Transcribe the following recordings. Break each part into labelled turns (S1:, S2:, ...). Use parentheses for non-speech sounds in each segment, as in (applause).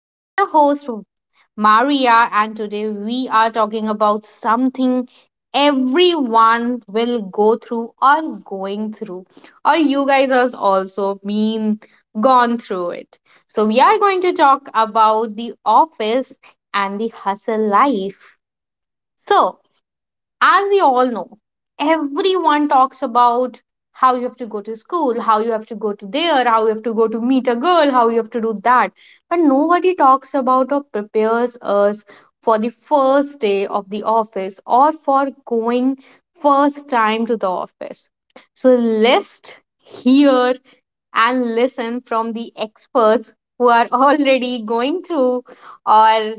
S1: I'm your host, Maria, and today we are talking about something everyone will go through or going through, or you guys has also been gone through it. So, we are going to talk about the office and the hustle life. So, as we all know, everyone talks about how you have to go to school, how you have to go to there, how you have to go to meet a girl, how you have to do that. But nobody talks about or prepares us for the first day of the office or for going first time to the office. So let's hear and listen from the experts who are (laughs) already going through or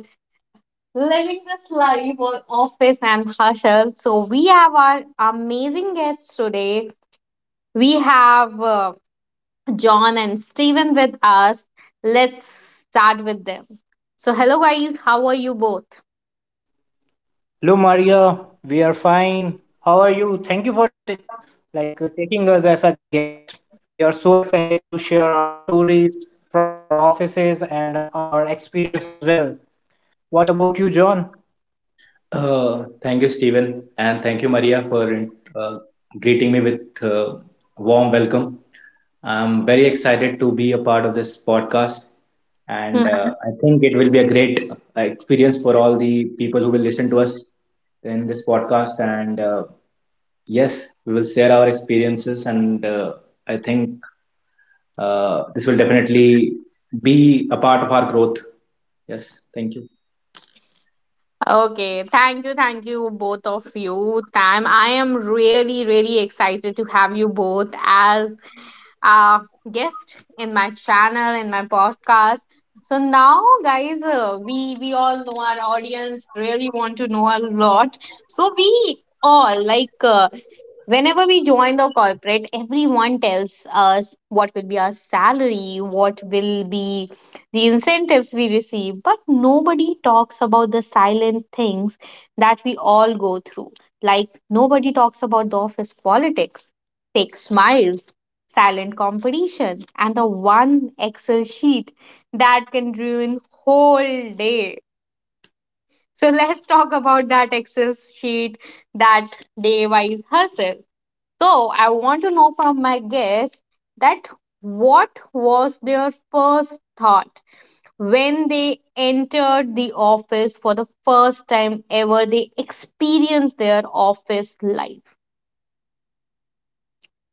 S1: living this life or office and hustle. So we have our amazing guests today. We have John and Steven with us. Let's start with them. So hello guys, how are you both? (laughs)
S2: Hello, Maria. We are fine. How are you? Thank you for taking us as a guest. We are so excited to share our stories from our offices and our experience as well. What about you, John?
S3: Thank you, Stephen, and thank you, Maria, for uh, greeting me with warm welcome. I'm very excited to be a part of this podcast, and
S1: Hmm.
S3: I think it will be a great experience for all the people who will listen to us in this podcast. And yes, we will share our experiences, and I think this will definitely be a part of our growth. Yes, thank you.
S1: Okay, thank you both of you. Time I am really, really excited to have you both as uh, guest in my channel, in my podcast. So now, guys, we all know our audience really want to know a lot. So we all like. Whenever we join the corporate, everyone tells us what will be our salary, what will be the incentives we receive, but nobody talks about the silent things that we all go through, like nobody talks about the office politics, fake smiles, silent competition, and the one excel sheet that can ruin whole day. So let's talk about that excel sheet that day wise herself. So I want to know from my guests that what was their first thought when they entered the office for the first time ever they experienced their office life.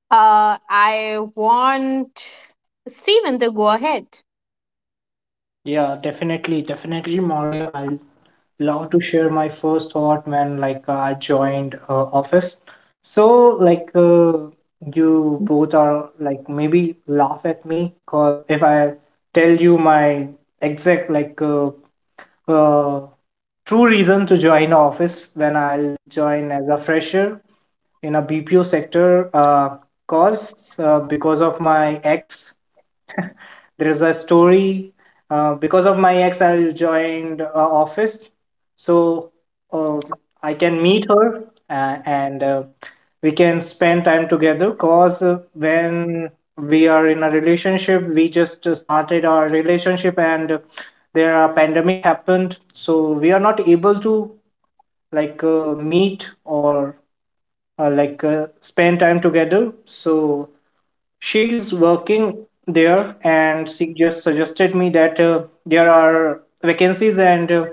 S1: I want Steven to go ahead.
S2: Yeah, definitely, definitely, Maria. I love to share my first thought when I joined office. So like uh, you both are like maybe laugh at me because if I tell you my exact uh, true reason to join office when I'll join as a fresher in a BPO sector cause because of my ex there's a story because of my ex I joined office. So uh, I can meet her and we can spend time together. Cause When we are in a relationship, we just started our relationship, and there a pandemic happened, so we are not able to meet or uh, like uh, spend time together. So she's working there, and she just suggested me that there are vacancies, and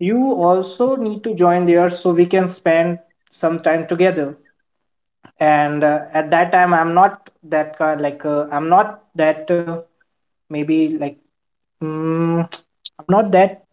S2: you also need to join there so we can spend some time together. And at that time, I'm not that kind, I'm not that maybe mm, I'm not that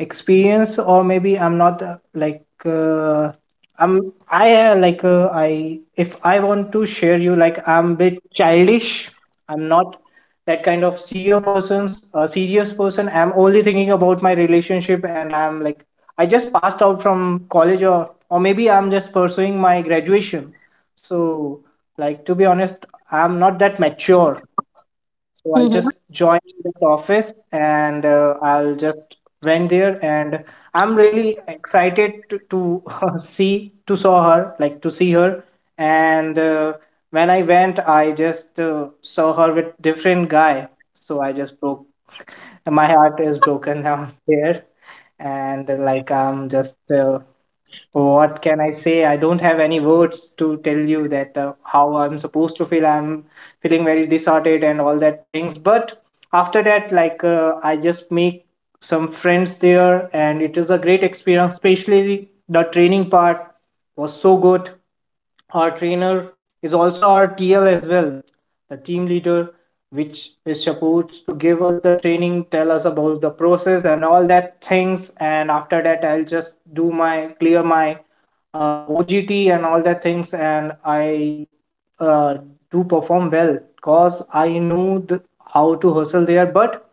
S2: experience, or maybe I'm not I, if I want to share you, like I'm a bit childish. I'm not that kind of serious persons a serious person. I'm only thinking about my relationship, and I'm like I just passed out from college, or maybe I'm just pursuing my graduation. So like to be honest, I'm not that mature. So I just joined that office, and I'll just went there. And I'm really excited to (laughs) see to saw her like to see her. And when I went, I just saw her with different guy. So I just broke, (laughs) my heart is broken down (laughs) here. And I'm just what can I say? I don't have any words to tell you that how I'm supposed to feel. I'm feeling very disordered and all that things. But after that, I just make some friends there, and it is a great experience, especially the training part was so good. Our trainer is also our TL as well, the team leader, which is supposed to give us the training, tell us about the process and all that things. And after that, I'll just do my clear my OGT and all that things. And I uh, to perform well because I knew the, how to hustle there. But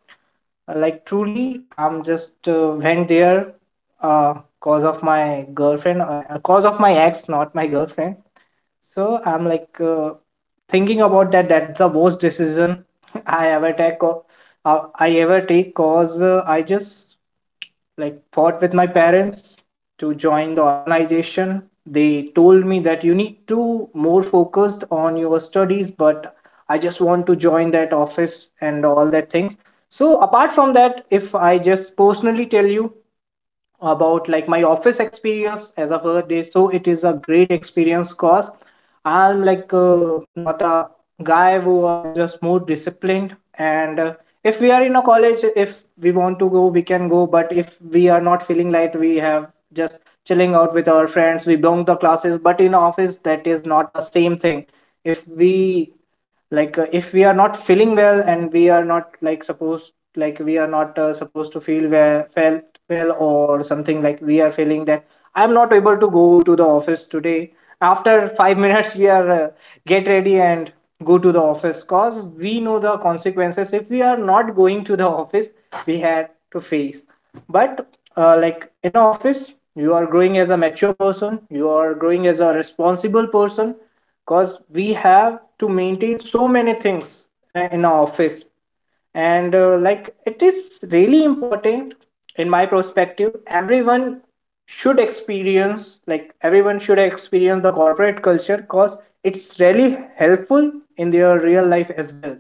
S2: truly, I'm just went there cause of my girlfriend, cause of my ex, not my girlfriend. So I'm thinking about that. That's the worst decision (laughs) I ever take. Or, I ever take cause I just like fought with my parents to join the organization. They told me that you need to more focused on your studies, but I just want to join that office and all that things. So apart from that, if I just personally tell you about like my office experience as of a day, so it is a great experience cause I'm not a guy who are just more disciplined. And if we are in a college, if we want to go, we can go. But if we are not feeling, like we have just chilling out with our friends, we bunk the classes. But in office, that is not the same thing. If we if we are not feeling well, and we are not like supposed like we are not supposed to feel well felt well, or something like we are feeling that I'm not able to go to the office today. After 5 minutes (laughs) minutes, we are get ready and go to the office cause we know the consequences. If we are not going to the office, we had to face. But in office, you are growing as a mature person, you are growing as a responsible person, because we have to maintain so many things in our office. And it is really important. In my perspective, everyone should experience the corporate culture because it's really helpful in their real life as well,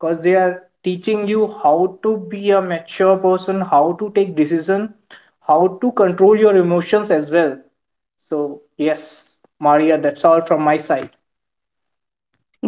S2: because they are teaching you how to be a mature person, how to take decision, how to control your emotions as well. So yes, Maria, that's all from my side.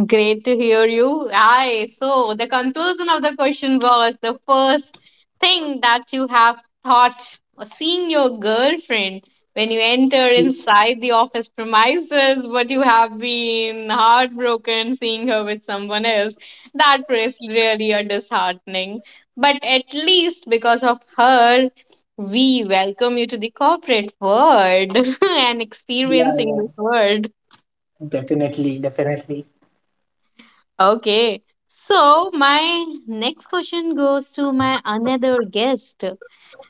S1: Great to hear you. Aye, so the conclusion of the question was the first thing that you have thought or seeing your girlfriend when you enter inside the office premises, but you have been heartbroken seeing her with someone else. That is really a disheartening. But at least because of her, we welcome you to the corporate world (laughs) and
S2: Yeah,
S1: experiencing
S2: yeah,
S1: this world.
S2: definitely, definitely.
S1: Okay. So my next question goes to my another guest.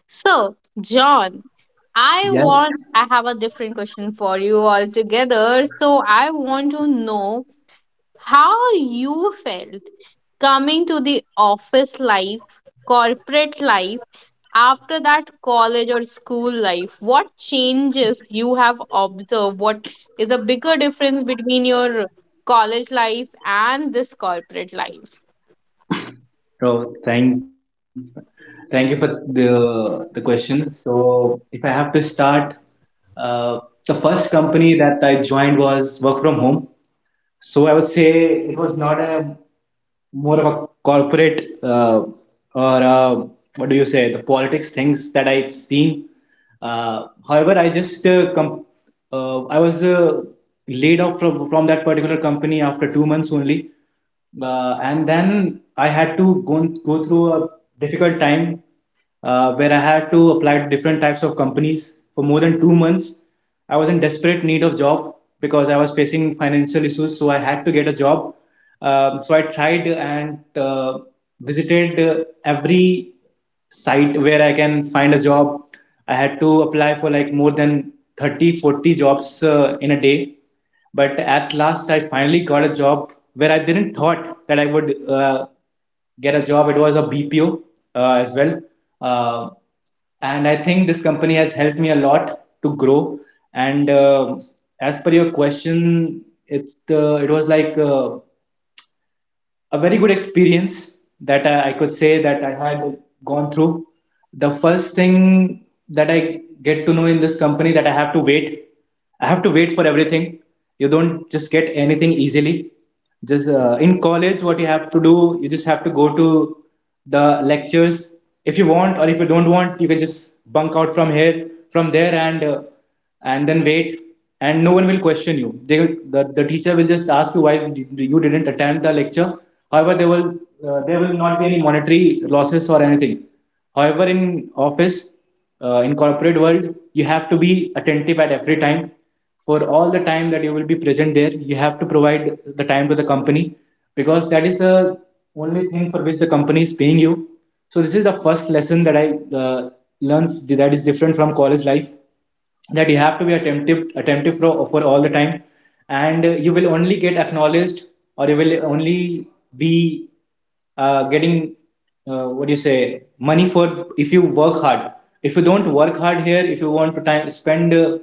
S1: So, John,
S3: Yeah.
S1: I have a different question for you altogether. So I want to know how you felt coming to the office life, corporate life, after that college or school life. What changes you have observed? What is a bigger difference between your college life and this corporate life?
S3: Oh, thank you for the question. So if I have to start, uh, the first company that I joined was work from home. So I would say it was not a more of a corporate, or uh, what do you say, the politics things that I'd seen. However, I just I was laid off from that particular company after 2 months only, and then I had to go through a difficult time where I had to apply to different types of companies for more than 2 months. I was in desperate need of job because I was facing financial issues, so I had to get a job. So I tried and visited every site where I can find a job. I had to apply for like more than 30, 40 jobs in a day. But at last, I finally got a job where I didn't thought that I would get a job. It was a BPO as well. Uh, and I think this company has helped me a lot to grow. And as per your question, it was a very good experience that I could say that I had gone through. The first thing that I get to know in this company that I have to wait. I have to wait for everything. You don't just get anything easily. Just in college, what you have to do, you just have to go to the lectures if you want, or if you don't want you can just bunk out from here from there, and then wait, and no one will question you. The teacher will just ask you why you didn't attend the lecture. However, there will not be any monetary losses or anything. However, in office, in corporate world, you have to be attentive at every time. For all the time that you will be present there, you have to provide the time to the company, because that is the only thing for which the company is paying you. So this is the first lesson that I uh, learned, that is different from college life, that you have to be attentive for all the time. And you will only get acknowledged, or you will only be getting, what do you say, money for if you work hard. If you don't work hard here, if you want to time spend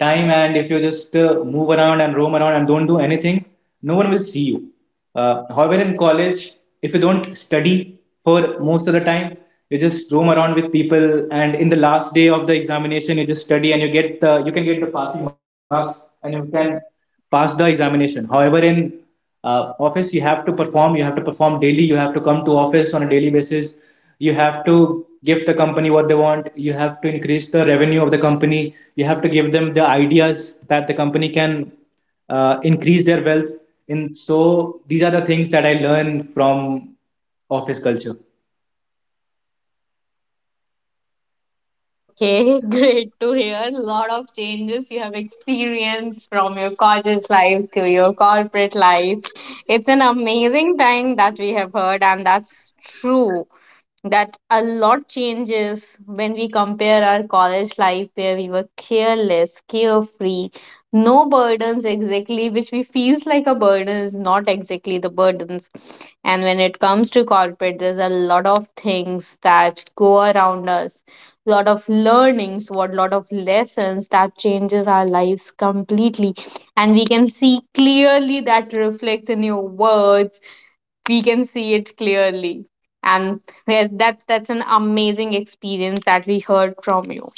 S3: time, and if you just move around and roam around and don't do anything, no one will see you. However, in college, if you don't study for most of the time, you just roam around with people, and in the last day of the examination, you just study, and you can get the passing marks, and you can pass the examination. However, in office, you have to perform. You have to perform daily. You have to come to office on a daily basis. You have to give the company what they want. You have to increase the revenue of the company. You have to give them the ideas that the company can increase their wealth. And so these are the things that I learned from office culture.
S1: Okay, (laughs) great to hear. A lot of changes you have experienced from your college life to your corporate life. It's an amazing thing that we have heard, and that's true. That a lot changes when we compare our college life where we were careless, carefree, no burdens exactly, which we feels like a burden is not exactly the burdens. And when it comes to corporate, there's a lot of things that go around us, lot of learnings, what lot of lessons that changes our lives completely. And we can see clearly that reflects in your words, we can see it clearly. And yes, that's an amazing experience that we heard from you.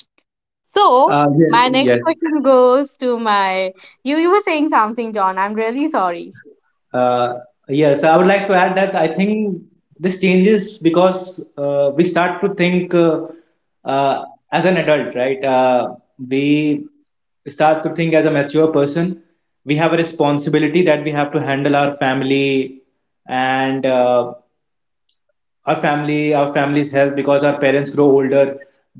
S1: So
S3: Yes,
S1: my next
S3: yes.
S1: question (laughs) goes to my, you were saying something, John, I'm really sorry.
S3: Uh, yes, I would like to add that I think this changes because we start to think uh, as an adult, right? We start to think as a mature person. We have a responsibility that we have to handle our family, and our family's health, because our parents grow older,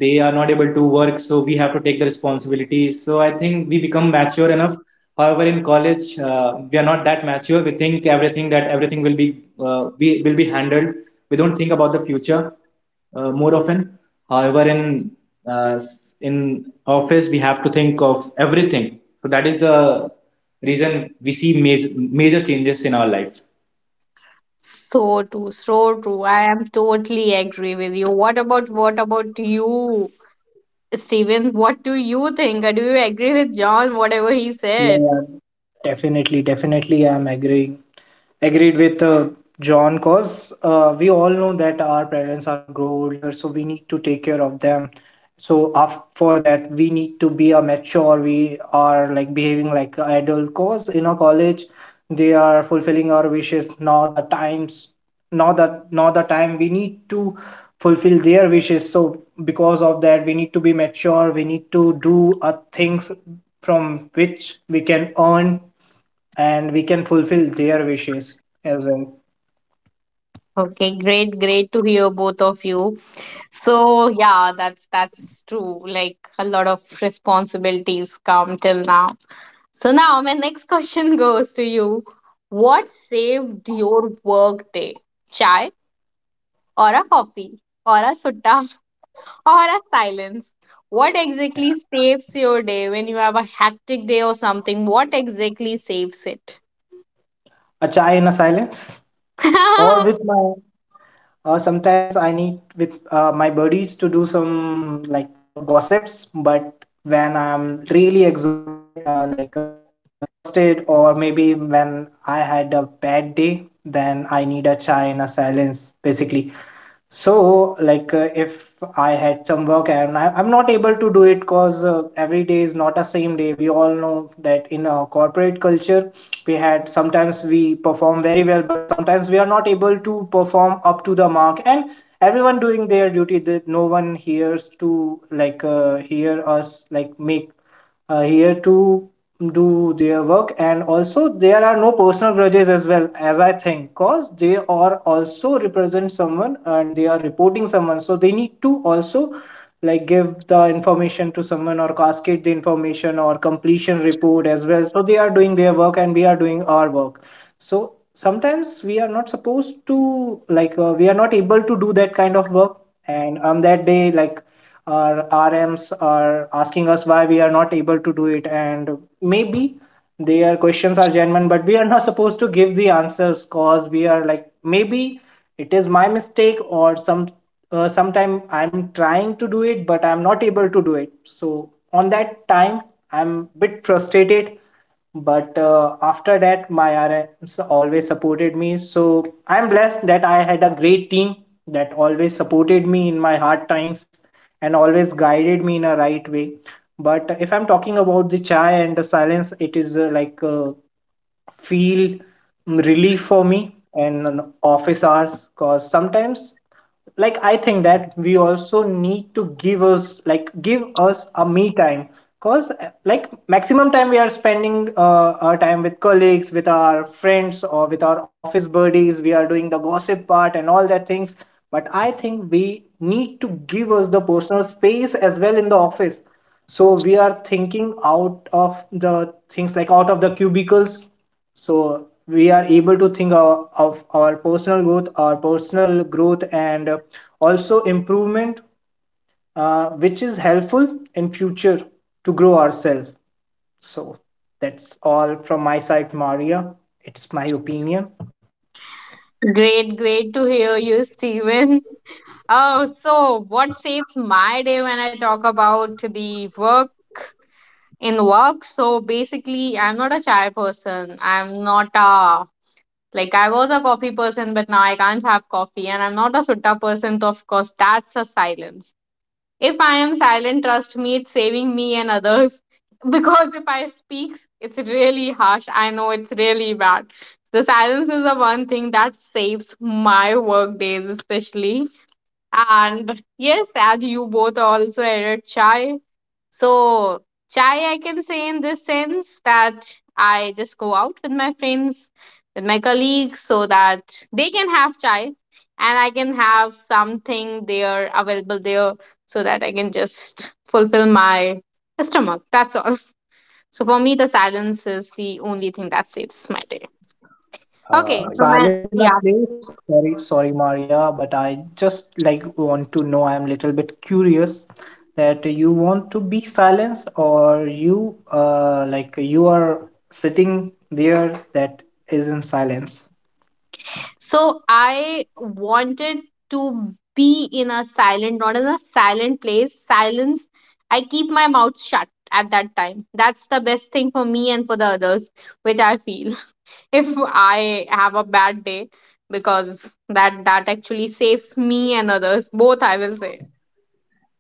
S3: they are not able to work, so we have to take the responsibility. So I think we become mature enough. However, in college, we are not that mature. We think everything, that everything will be, we will be handled. We don't think about the future more often. However, in in office, we have to think of everything. So that is the reason we see major changes in our life.
S1: So true, so true, I am totally agree with you. What about you, Steven, what do you think? Do you agree with John whatever he
S2: Yeah,
S1: said?
S2: yeah, definitely, definitely. I'm agreeing. Agreed with John because we all know that our parents are grow older, so we need to take care of them. So after that, we need to be a mature. We are like behaving like adult. Cause in a college, they are fulfilling our wishes, not the times, not the time. We need to fulfill their wishes. So because of that, we need to be mature. We need to do a things from which we can earn and we can fulfill their wishes as well.
S1: Okay, great, great to hear both of you. So yeah, that's true. Like a lot of responsibilities come till now. So now my next (laughs) question goes to you. What saved your work day? Chai or a coffee or a sutta (laughs) or a silence? What exactly saves your day when you have a hectic day or something? What exactly saves it?
S2: A chai in a silence, or with
S1: (laughs)
S2: my sometimes I need with my buddies to do some gossips. But when I'm really exhausted, exhausted, or maybe when I had a bad day, then I need a chai in a silence, basically. So, if I had some work and I'm not able to do it because every day is not a same day. We all know that in a corporate culture, we had sometimes we perform very well, but sometimes we are not able to perform up to the mark. And everyone doing their duty, that no one hears to hear us like make here to do their work. And also there are no personal grudges as well, as I think, because they are also represent someone, and they are reporting someone, so they need to also like give the information to someone or cascade the information or completion report as well. So they are doing their work, and we are doing our work. So sometimes we are not supposed to we are not able to do that kind of work. And on that day, like our RMs are asking us why we are not able to do it. And maybe their questions are genuine, but we are not supposed to give the answers, cause we are like maybe it is my mistake or some sometime I'm trying to do it but I'm not able to do it. So on that time, I'm bit frustrated. But after that, my RMs always supported me. So I'm blessed that I had a great team that always supported me in my hard times and always guided me in a right way. But if I'm talking about the chai and the silence, it is feel relief for me and on office hours. Because sometimes like I think that we also need to give us a me time, because like maximum time we are spending our time with colleagues, with our friends, or with our office buddies, we are doing the gossip part and all that things. But I think we need to give us the personal space as well in the office, so we are thinking out of the things, like out of the cubicles, so we are able to think of our personal growth and also improvement, which is helpful in future to grow ourselves. So that's all from my side, Maria. It's my opinion.
S1: Great, great to hear you, Steven. Oh, so what saves my day when I talk about the work? In work, so basically I'm not a chai person, I'm not a, like I was a coffee person, but now I can't have coffee, and I'm not a sutta person, so of course that's a silence. If I am silent, trust me, it's saving me and others (laughs) because if I speak, it's really harsh, I know, it's really bad. The silence is the one thing that saves my work days especially. And yes, as you both also added chai, so chai, I can say in this sense that I just go out with my friends, with my colleagues, so that they can have chai and I can have something there available there so that I can just fulfill my stomach. That's all. So, for me, the silence is the only thing that saves my day. Okay.
S2: So
S3: Uh,
S1: So,
S3: yeah.
S1: my,
S2: silence in a
S1: yeah.
S2: place. Sorry, sorry, Maria, but I just like want to know, I'm a little bit curious, that you want to be silenced, or you like you are sitting there that is in silence.
S1: So I wanted to be in a silent, not in a silent place, silence. I keep my mouth shut at that time. That's the best thing for me and for the others, which I feel. (laughs) If I have a bad day, because that actually saves me and others, both I will say.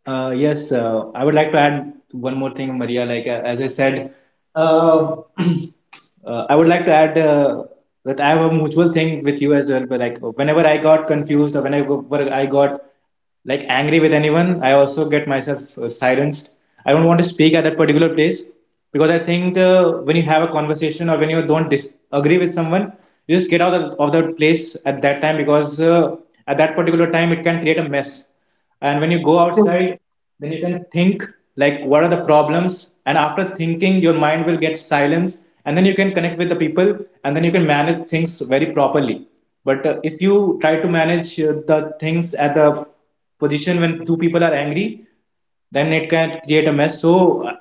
S3: Yes, I would like to add one more thing, Maria. As I said, uh, (clears throat) I would like to add that I have a mutual thing with you as well. But, like, whenever I got confused or whenever I got like angry with anyone, I also get myself silenced. I don't want to speak at that particular place, because I think when you have a conversation or when you don't disagree with someone, you just get out of that place at that time, because at that particular time it can create a mess. And when you go outside, then you can think like what are the problems, and after thinking your mind will get silence, and then you can connect with the people, and then you can manage things very properly. But if you try to manage the things at the position when two people are angry, then it can create a mess. So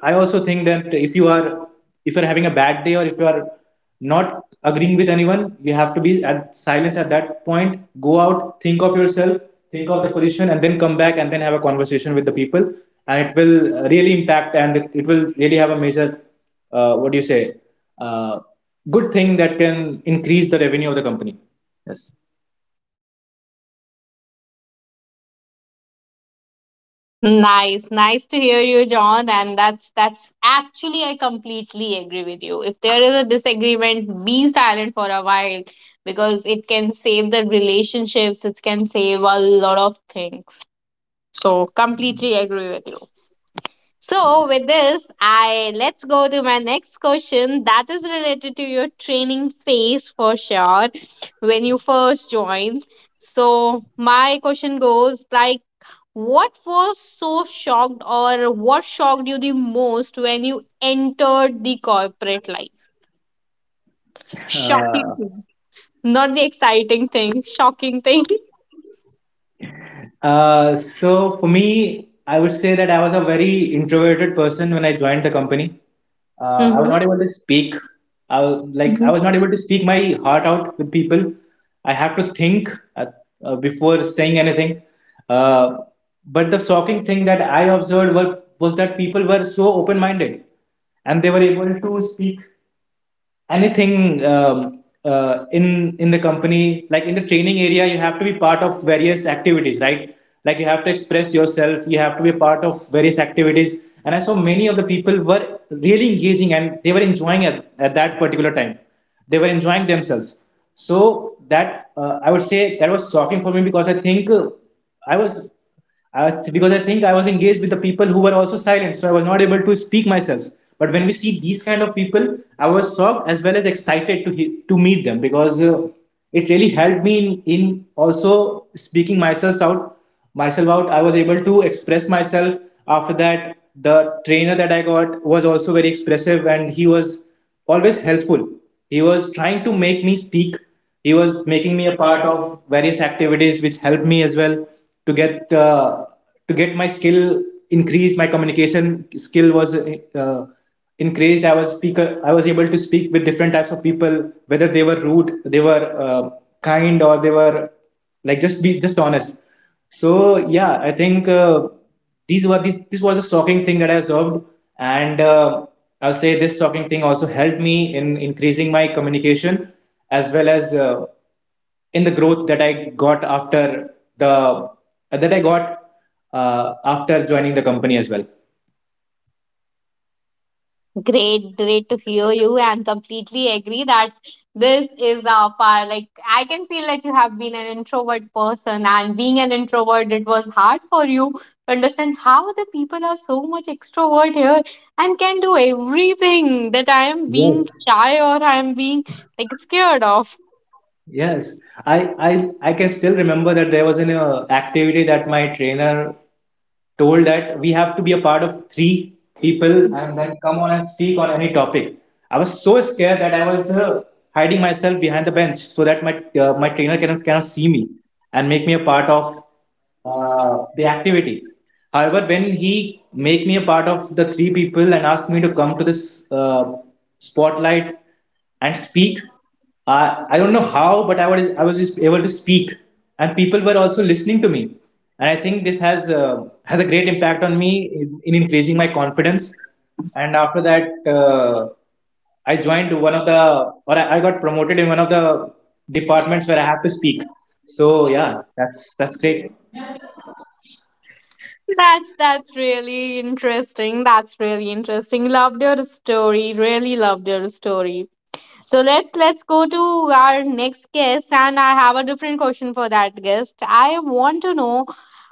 S3: I also think that if you're having a bad day, or if you are not agreeing with anyone, you have to be at silence at that point. Go out, think of yourself, think of the position, and then come back and then have a conversation with the people. And it will really impact, and it will really have a major, what do you say, uh, good thing that can increase the revenue of the company. Yes.
S1: Nice, nice to hear you, John. And that's actually I completely agree with you. If there is a disagreement, be silent for a while because it can save the relationships, it can save a lot of things. So completely agree with you. So with this, I let's go to my next question that is related to your training phase for sure when you first joined. So my question goes like what was so shocked or what shocked you the most when you entered the corporate life? Shocking
S3: (laughs)
S1: thing. Not the exciting thing, shocking thing.
S3: So for me, I would say that I was a very introverted person when I joined the company. I was not
S1: (laughs)
S3: able to speak. I, w- like I
S1: Mm-hmm.
S3: was not able to speak my heart out with people. I have to think before saying anything. Uh, but the shocking thing that I observed was that people were so open-minded, and they were able to speak anything. In the company, like in the training area, you have to be part of various activities, right? Like you have to express yourself, you have to be a part of various activities, and I saw many of the people were really engaging, and they were enjoying at that particular time, they were enjoying themselves. So that I would say that was shocking for me, because I think i was because I think I was engaged with the people who were also silent, so I was not able to speak myself. But when we see these kind of people, I was shocked as well as excited to meet them, because it really helped me in also speaking myself out. Myself out, I was able to express myself. After that, the trainer that I got was also very expressive, and he was always helpful. He was trying to make me speak. He was making me a part of various activities, which helped me as well to get uh, to get my skill increased. My communication skill was increased. I was speaker. I was able to speak with different types of people, whether they were rude, they were kind, or they were like just honest. So yeah, I think. These were these this was a shocking thing that I observed, and I'll say this shocking thing also helped me in increasing my communication, as well as in the growth that I got after the that I got after joining the company as well.
S1: Great, great to hear you, and completely agree that this is a part. Like I can feel that you have been an introvert person, and being an introvert, it was hard for you to understand how the people are so much extrovert here and can do everything that I am being
S3: Yes.
S1: shy or I am being like scared of.
S3: Yes, I can still remember that there was an activity that my trainer told that we have to be a part of three people and then come on and speak on any topic. I was so scared that I was hiding myself behind the bench, so that my trainer cannot see me and make me a part of the activity. However, when he make me a part of the three people and asked me to come to this spotlight and speak, I don't know how, but I was just able to speak, and people were also listening to me, and I think this has a great impact on me in increasing my confidence. And after that, uh, I joined one of the I got promoted in one of the departments where I have to speak. So yeah, that's great.
S1: That's really interesting. That's really interesting. Loved your story. Really loved your story. So let's go to our next guest, and I have a different question for that guest. I want to know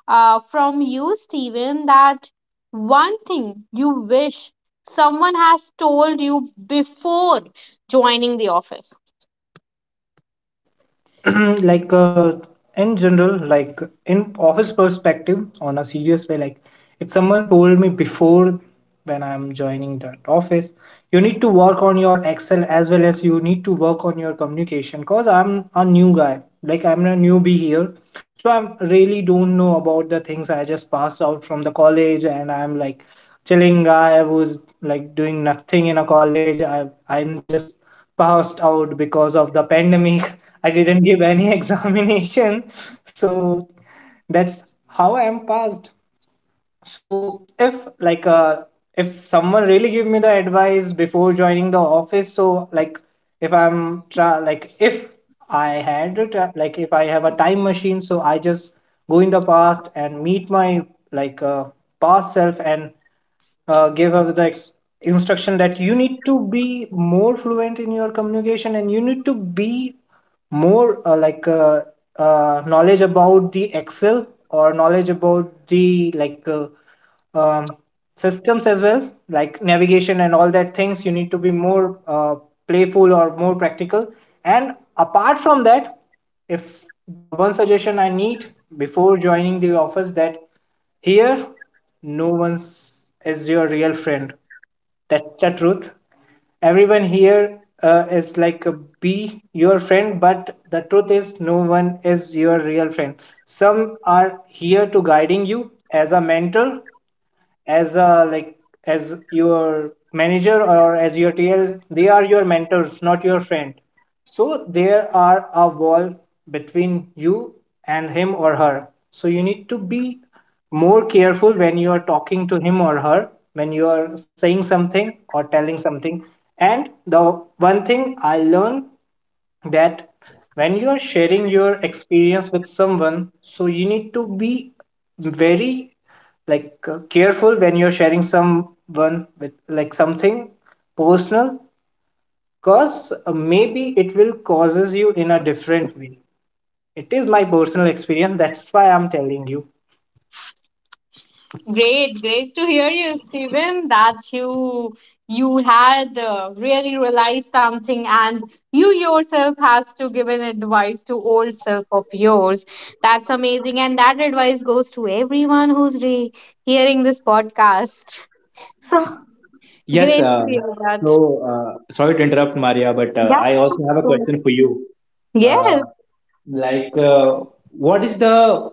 S1: from you, Steven, that one thing you wish someone has told you before joining the office.
S2: (clears throat) like uh, in general, like in office perspective, on a serious way, like if someone told me before when I'm joining that office, you need to work on your excel as well as you need to work on your communication, because I'm a new guy, like I'm a newbie here. So I'm really don't know about the things. I just passed out from the college, and I'm like chilling guy who's like doing nothing in a college. I'm just passed out because of the pandemic. (laughs) I didn't give any (laughs) examination. So that's how I am passed. So if like uh if someone really give me the advice before joining the office, so like if I'm try like if I had a if I have a time machine, so I just go in the past and meet my like uh, past self and gave her the instruction that you need to be more fluent in your communication, and you need to be more knowledge about the excel, or knowledge about the um, systems as well, like navigation and all that things. You need to be more playful or more practical. And apart from that, if the one suggestion I need before joining the office that here, no one is your real friend. That's the truth. Everyone here is like a be your friend, but the truth is no one is your real friend. Some are here to guiding you as a mentor, as a like as your manager or as your TL, they are your mentors, not your friend. So there are a wall between you and him or her. So you need to be more careful when you are talking to him or her, when you are saying something or telling something. And the one thing I learned that when you are sharing your experience with someone, so you need to be very careful when you're sharing someone with like something personal. Because maybe it will causes you in a different way. It is my personal experience, that's why I'm telling you.
S1: Great, great to hear you, Stephen. That you had really realized something, and you yourself has to give an advice to old self of yours. That's amazing, and that advice goes to everyone who's re- hearing this podcast. So
S3: Yes.
S1: great to hear that.
S3: Sorry to interrupt, Maria, but
S1: Yeah.
S3: I also have a question for you.
S1: Yes.
S3: Uh, like, uh, what is the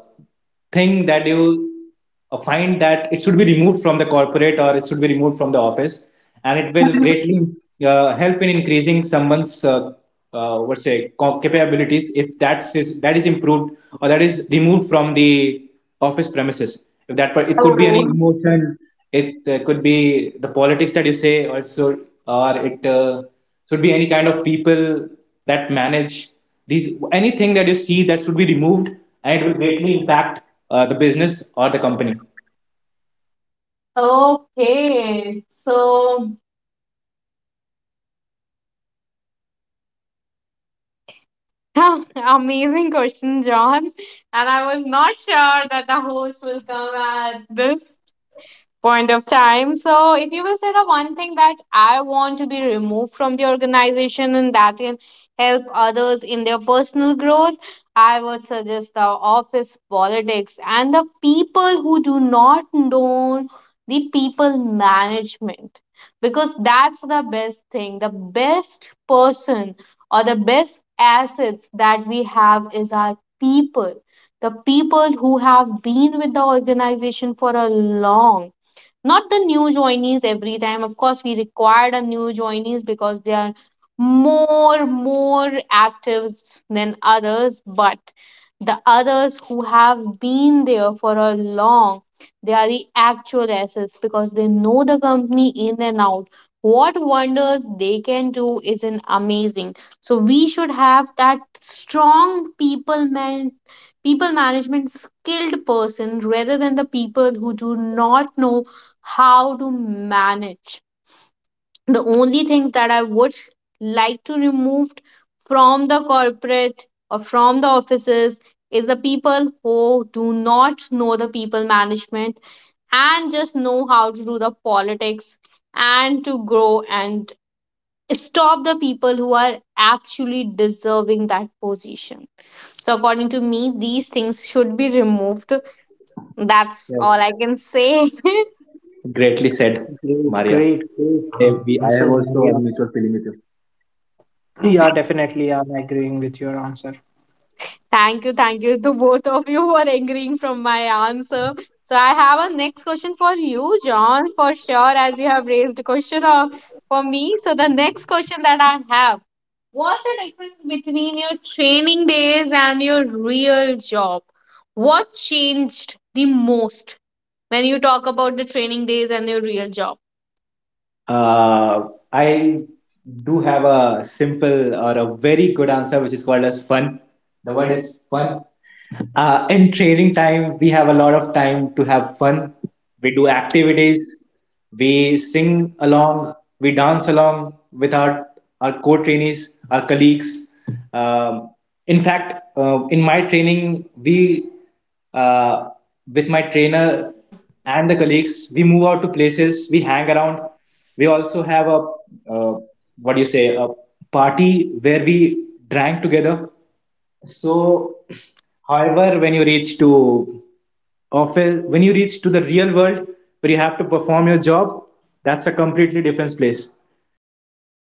S3: thing that you find that it should be removed from the corporate, or it should be removed from the office, and it will greatly help in increasing someone's capabilities, if that is improved or that is removed from the office premises. If that, but it could be any
S1: Oh.
S3: emotion. It could be the politics that you say, or so, or it should be any kind of people that manage these. Anything that you see that should be removed, and it will greatly impact the business or the company.
S1: Okay. So (laughs) amazing question, John. And I was not sure that the host will come at this point of time. So, if you will say the one thing that I want to be removed from the organization and that can help others in their personal growth, I would suggest the office politics and the people who do not know the people management, because that's the best thing. The best person or the best assets that we have is our people, the people who have been with the organization for a long, not the new joinees. Every time of course we required a new joinees because they are more, more actives than others, but the others who have been there for a long, they are the actual assets because they know the company in and out. What wonders they can do is an amazing. So we should have that strong people man, people management skilled person rather than the people who do not know how to manage. The only things that I would like to remove from the corporate or from the offices is the people who do not know the people management and just know how to do the politics and to grow and stop the people who are actually deserving that position. So, according to me, these things should be removed. That's
S3: Yes,
S1: all I can say.
S3: greatly said,
S2: That's a
S3: Maria.
S2: great, great, great
S3: I
S2: answer,
S3: have also
S2: Maria.
S3: a mutual feeling with you.
S2: Yeah, definitely, I'm agreeing with your answer.
S1: Thank you to both of you for agreeing from my answer. So I have a next question for you, John, for sure, as you have raised a question of for me. So the next question that I have, what's the difference between your training days and your real job? What changed the most when you talk about the training days and your real job?
S3: I do have a simple or a very good answer, which is called as fun. The word is fun. In training time, we have a lot of time to have fun. We do activities, we sing along, we dance along with our co trainees, our colleagues. Um, in fact,
S1: Yes.
S3: in my training, we uh, with my trainer and the colleagues. We move out to places, we hang around. We also have uh, what do you say, a party where we drank together. So, however, when you reach to office, when you reach to the real world where you have to perform your job, that's a completely different place. You don't get